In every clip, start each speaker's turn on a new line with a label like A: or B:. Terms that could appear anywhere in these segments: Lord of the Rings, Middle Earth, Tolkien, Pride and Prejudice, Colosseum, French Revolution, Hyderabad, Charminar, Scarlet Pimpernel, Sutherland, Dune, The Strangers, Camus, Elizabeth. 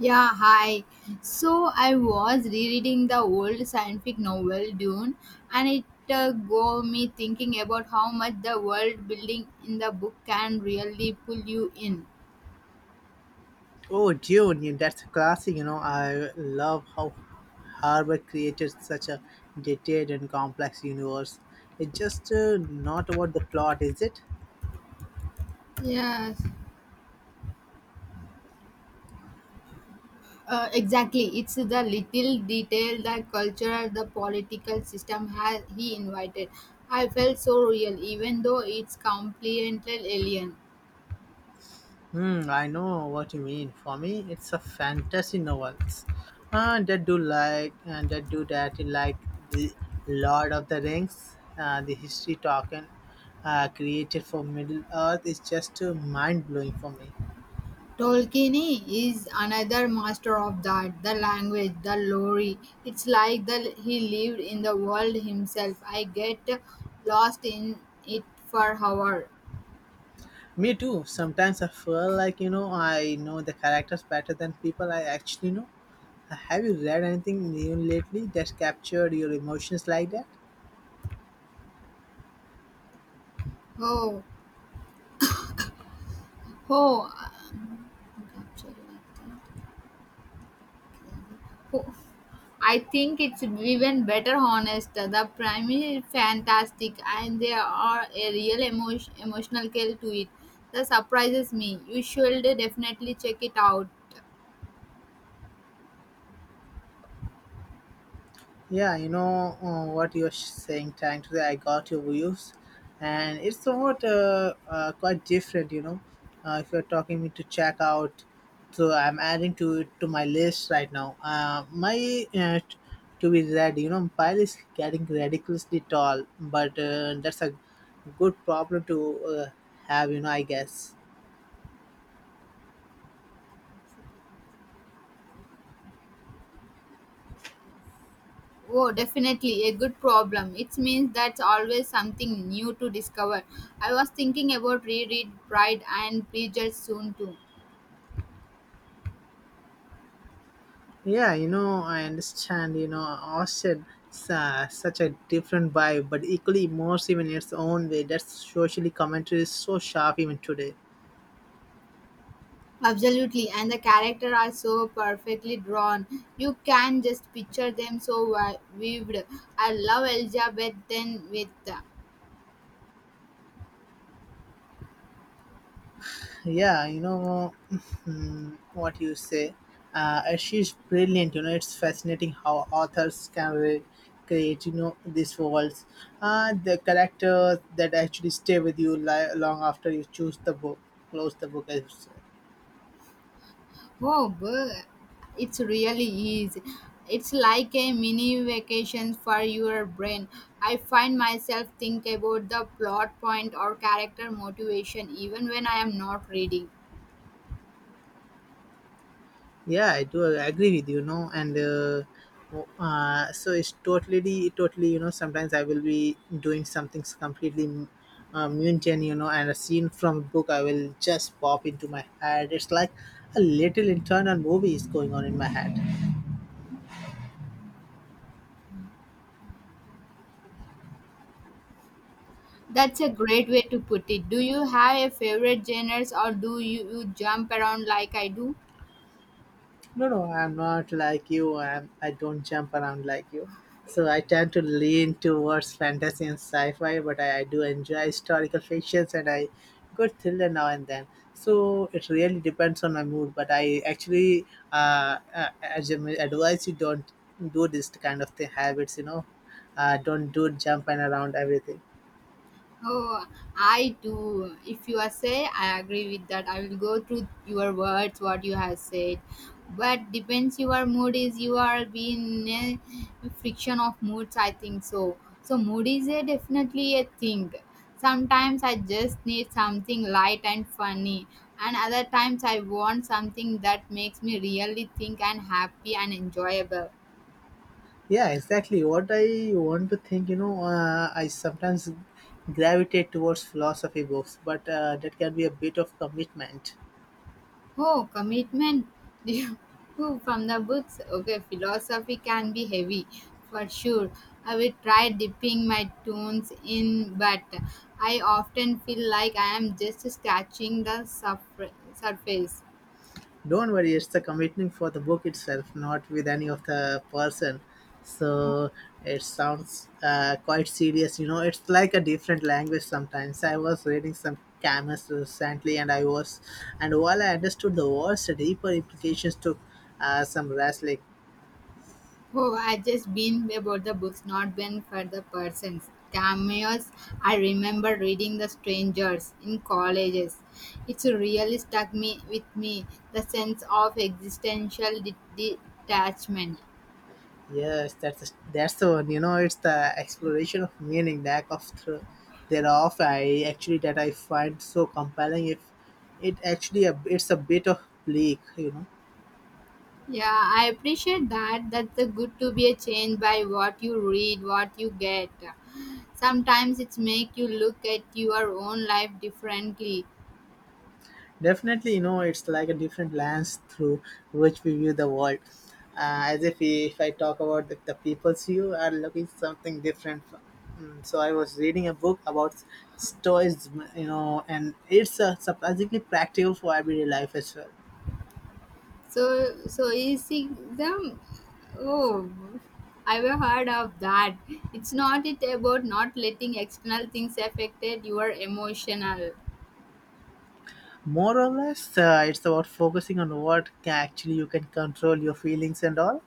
A: Yeah, hi. So I was rereading the old science fiction novel Dune, and it got me thinking about how much the world building in the book can really pull you in.
B: Oh, Dune, yeah, that's a classic. You know, I love how Harvard created such a detailed and complex universe. It's just not about the plot, is it?
A: Yes, exactly. It's the little detail, the culture, the political system has he invited. I felt so real, even though it's completely alien.
B: I know what you mean. For me, it's a fantasy novels. That do like and that do that in like the Lord of the Rings, the history token created for Middle Earth is just mind blowing for me.
A: Tolkien is another master of that, the language, the lore. It's like he lived in the world himself. I get lost in it for hours.
B: Me too. Sometimes I feel like, I know the characters better than people I actually know. Have you read anything new lately that's captured your emotions like that?
A: Oh, oh, actually, oh. I think it's even better honest. The prime is fantastic and there are a real emotional kill to it. That surprises me. You should definitely check it out.
B: Yeah, you know what you're saying. Trying to say, I got your views, and it's somewhat quite different. You know, if you're talking me to check out, so I'm adding to it to my list right now. My uh, t- to be ready. You know, pile is getting ridiculously tall, but that's a good problem to have. You know, I guess.
A: Oh, definitely a good problem. It means that's always something new to discover. I was thinking about reread Pride and Prejudice soon too.
B: Yeah, you know, I understand. You know, Ocean is such a different vibe, but equally immersive in its own way. That socially commentary is so sharp even today.
A: Absolutely, and the characters are so perfectly drawn. You can just picture them so vivid. I love Elizabeth then with
B: Yeah, mm, what you say. And she's brilliant. You know, it's fascinating how authors can create, these worlds. The characters that actually stay with you long after you choose the book, close the book, I should say.
A: oh, but it's really is. It's like a mini vacation for your brain. I find myself think about the plot point or character motivation even when I am not reading.
B: Yeah, I do agree with you, and so it's totally, sometimes I will be doing something completely mundane, and a scene from a book I will just pop into my head. It's like a little internal movie is going on in my head.
A: That's a great way to put it. Do you have a favorite genres or do you jump around like I do?
B: No, no, I'm not like you. I don't jump around like you. So I tend to lean towards fantasy and sci-fi, but I do enjoy historical fictions and I go thriller now and then. So it really depends on my mood. But I actually, as I advise you, don't do this kind of thing, habits. You know, don't do jump and around everything.
A: Oh, I do. If you are say, I agree with that. I will go through your words, what you have said. But depends your mood is you are being in a friction of moods. I think so. So mood is a definitely a thing. Sometimes I just need something light and funny, and other times I want something that makes me really think and happy and enjoyable.
B: Yeah, exactly. What I want to think, I sometimes gravitate towards philosophy books, but that can be a bit of commitment.
A: Oh, commitment. Oh, from the books. Okay, philosophy can be heavy for sure. I will try dipping my tones in, but I often feel like I am just scratching the surface.
B: Don't worry, it's the commitment for the book itself, not with any of the person. So it sounds quite serious, you know. It's like a different language sometimes. I was reading some Camus recently, and while I understood the words, the deeper implications took some wrestling.
A: Oh, I just been about the books, not been for the persons. Cameos, I remember reading The Strangers in colleges. It's really stuck me with me the sense of existential detachment.
B: Yes, that's the one. You know, it's the exploration of meaning, the act of thereof. I actually that I find so compelling. If it actually it's a bit of bleak, you know.
A: Yeah, I appreciate that. That's the good to be a change by what you read, what you get. Sometimes it's make you look at your own life differently.
B: Definitely, you know, it's like a different lens through which we view the world. As if we, if I talk about the people's view are looking something different. From. Mm, so I was reading a book about stoicism, you know, and it's surprisingly practical for everyday life as well.
A: So is it them oh I've heard of that. It's not it about not letting external things affected your emotional.
B: More or less, it's about focusing on what actually you can control your feelings and all,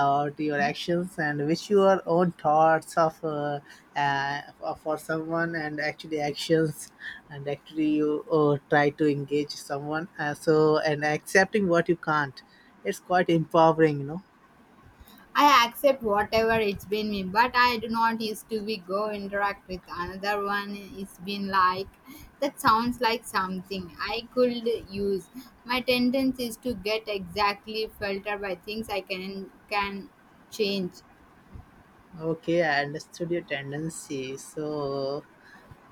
B: or your actions, and which your own thoughts of uh, for someone, and actually actions, and actually you try to engage someone. So and accepting what you can't, it's quite empowering, you know.
A: I accept whatever it's been me, but I do not used to be go interact with another one. It's been like that sounds like something I could use. My tendency is to get exactly filtered by things I can change.
B: Okay, I understood your tendency. So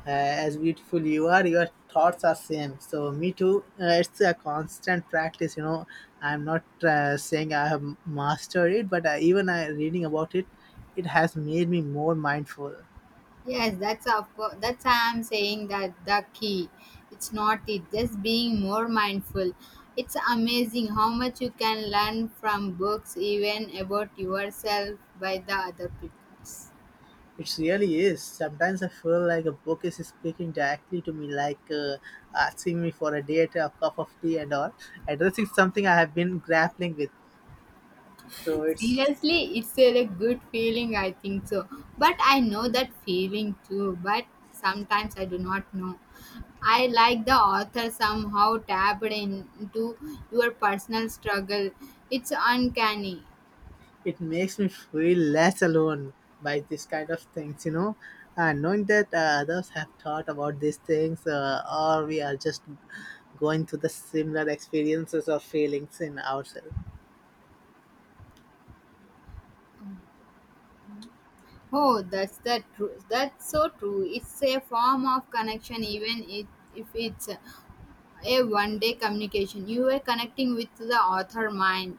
B: as beautiful you are your thoughts are same so me too it's a constant practice, you know. I'm not saying I have mastered it, but even I reading about it, it has made me more mindful.
A: Yes, that's of course. That's why I'm saying that the key. It's not it. Just being more mindful. It's amazing how much you can learn from books, even about yourself, by the other people.
B: It really is. Sometimes I feel like a book is speaking directly to me, like asking me for a date, a cup of tea and all, addressing something I have been grappling with, so it's
A: Seriously it's a like, good feeling I think so but I know that feeling too but sometimes I do not know I like the author somehow tapped into your personal struggle it's uncanny
B: It makes me feel less alone by this kind of things, you know. And knowing that others have thought about these things, or we are just going through the similar experiences or feelings in ourselves.
A: oh that's the truth that's so true it's a form of connection even it, if it's a one day communication you were connecting with the author mind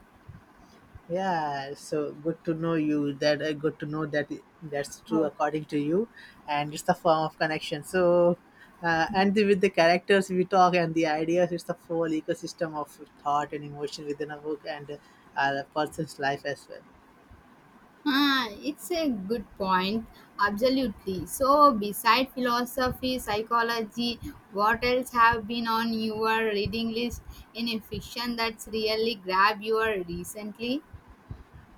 B: Yeah, so good to know you. That good to know that that's true
A: oh.
B: according to you, and it's the form of connection. So, and with the characters we talk and the ideas, it's the whole ecosystem of thought and emotion within a book and a person's life as well.
A: Ah, it's a good point. Absolutely. So, beside philosophy, psychology, what else have been on your reading list in a fiction that's really grabbed you recently?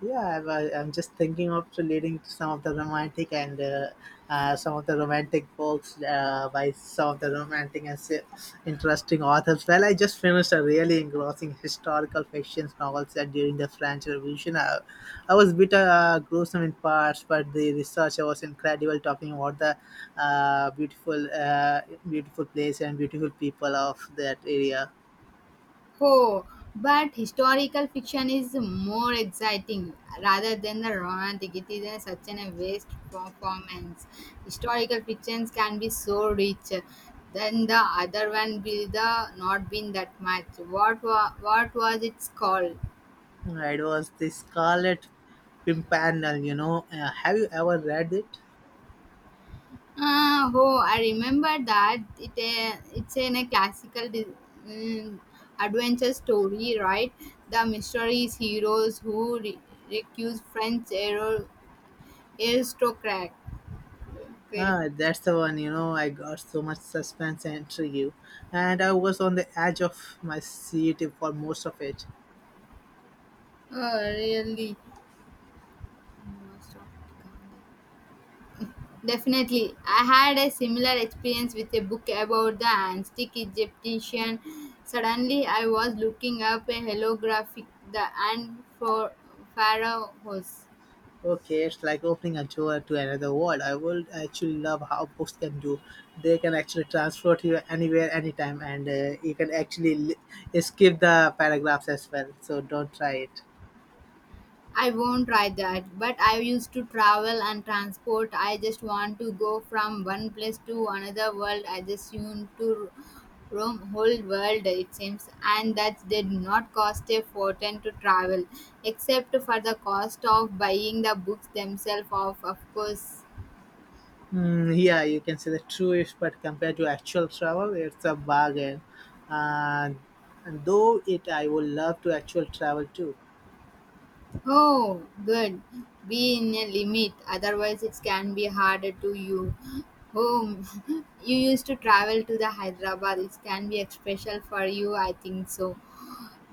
B: Yeah, I'm just thinking of leading to some of the romantic and some of the romantic books by some of the romantic and interesting authors. Well, I just finished a really engrossing historical fiction novel set during the French Revolution. I was a bit gruesome in parts, but the research was incredible talking about the beautiful, beautiful place and beautiful people of that area.
A: Oh, but historical fiction is more exciting rather than the romantic. It is such an waste performance. Historical fictions can be so rich. Then the other one will the not been that much. What was it called?
B: It was the Scarlet Pimpernel, you know. Have you ever read it?
A: Ah, oh, I remember that. It's in a classical mm, adventure story, right? The mysterious heroes who recuse French hero Aristocrat. Okay.
B: Ah, that's the one, you know. I got so much suspense and intrigue, and I was on the edge of my seat for most of it.
A: Oh, really? Definitely. I had a similar experience with a book about the antique Egyptian. Suddenly, I was looking up a holographic the and for pharaohs.
B: Okay, it's like opening a door to another world. I would actually love how books can do. They can actually transport you anywhere, anytime, and you can actually skip the paragraphs as well. So don't try it.
A: I won't try that, but I used to travel and transport. I just want to go from one place to another world. I just want to roam whole world it seems and that did not cost a fortune to travel except for the cost of buying the books themselves of course.
B: Mm, yeah, you can say the truest, but compared to actual travel, it's a bargain. And, and though it, I would love to actual travel too.
A: Oh, good. Be in a limit, otherwise it can be harder to you. Home. You used to travel to the Hyderabad. It can be special for you, I think so.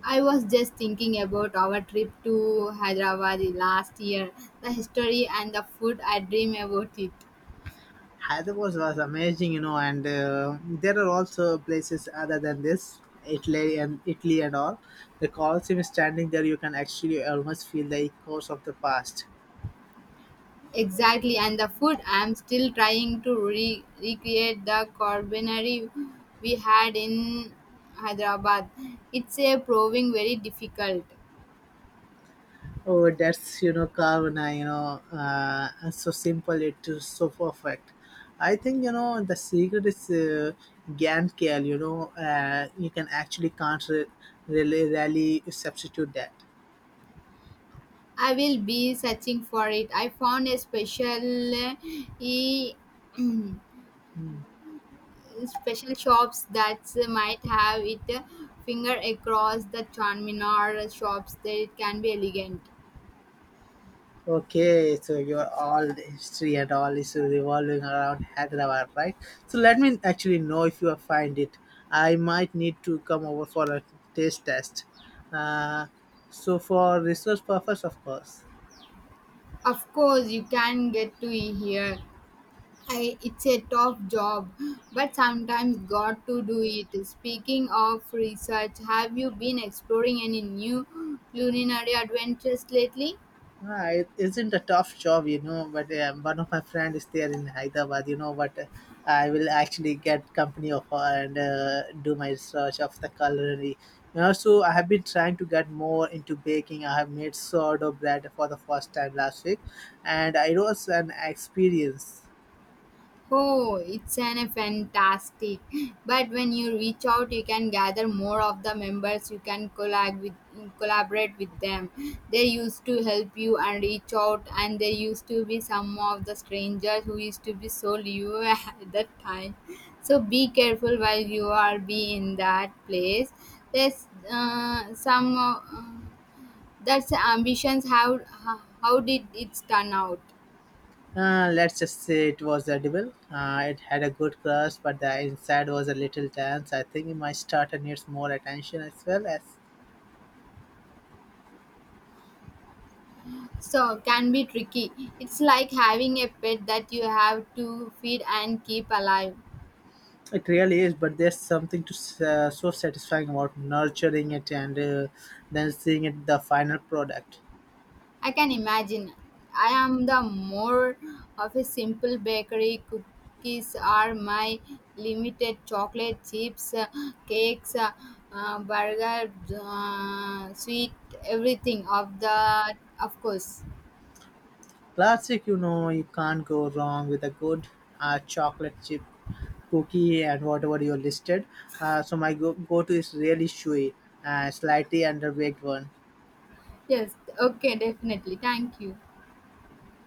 A: I was just thinking about our trip to Hyderabad last year. The history and the food, I dream about it.
B: Hyderabad was amazing, you know, and there are also places other than this, Italy and all. The Colosseum is standing there, you can actually almost feel the echoes of the past.
A: Exactly, and the food, I'm still trying to recreate the culinary we had in Hyderabad. It's a proving very difficult.
B: Oh, that's you know Kavana, so simple it is so perfect. I think you know the secret is Gantt kale. You know, you can actually can't really substitute that.
A: I will be searching for it. I found a special e special shops that might have it finger across the Charminar shops that it can be elegant.
B: Okay, so your all the history and all is revolving around Hyderabad, right? So let me actually know if you find it. I might need to come over for a taste test. Uh, so for research purpose, of course.
A: Of course, you can get to it here. I, it's a tough job, but sometimes got to do it. Speaking of research, have you been exploring any new culinary adventures lately?
B: Ah, it isn't a tough job, you know. But one of my friends is there in Hyderabad, you know. But I will actually get company of her and do my research of the culinary. You know, so I have been trying to get more into baking. I have made sourdough bread for the first time last week, and it was an experience.
A: Oh, it's an a fantastic. But when you reach out, you can gather more of the members. You can collaborate with them. They used to help you and reach out, and there used to be some of the strangers who used to be so new at that time. So be careful while you are be in that place. There's some. That's ambitions. How did it turn out?
B: Let's just say it was edible. It had a good crust, but the inside was a little dense. I think it might start and needs more attention as well as
A: So can be tricky. It's like having a pet that you have to feed and keep alive.
B: It really is, but there's something to so satisfying about nurturing it and then seeing it the final product.
A: I can imagine. I am the more of a simple bakery. Cookies are my limited. Chocolate chips, cakes, burger, sweet, everything of the of course.
B: Classic, you know, you can't go wrong with a good chocolate chip cookie and whatever you listed. So my go-to is really chewy, slightly underweight one.
A: Yes. Okay. Definitely. Thank you.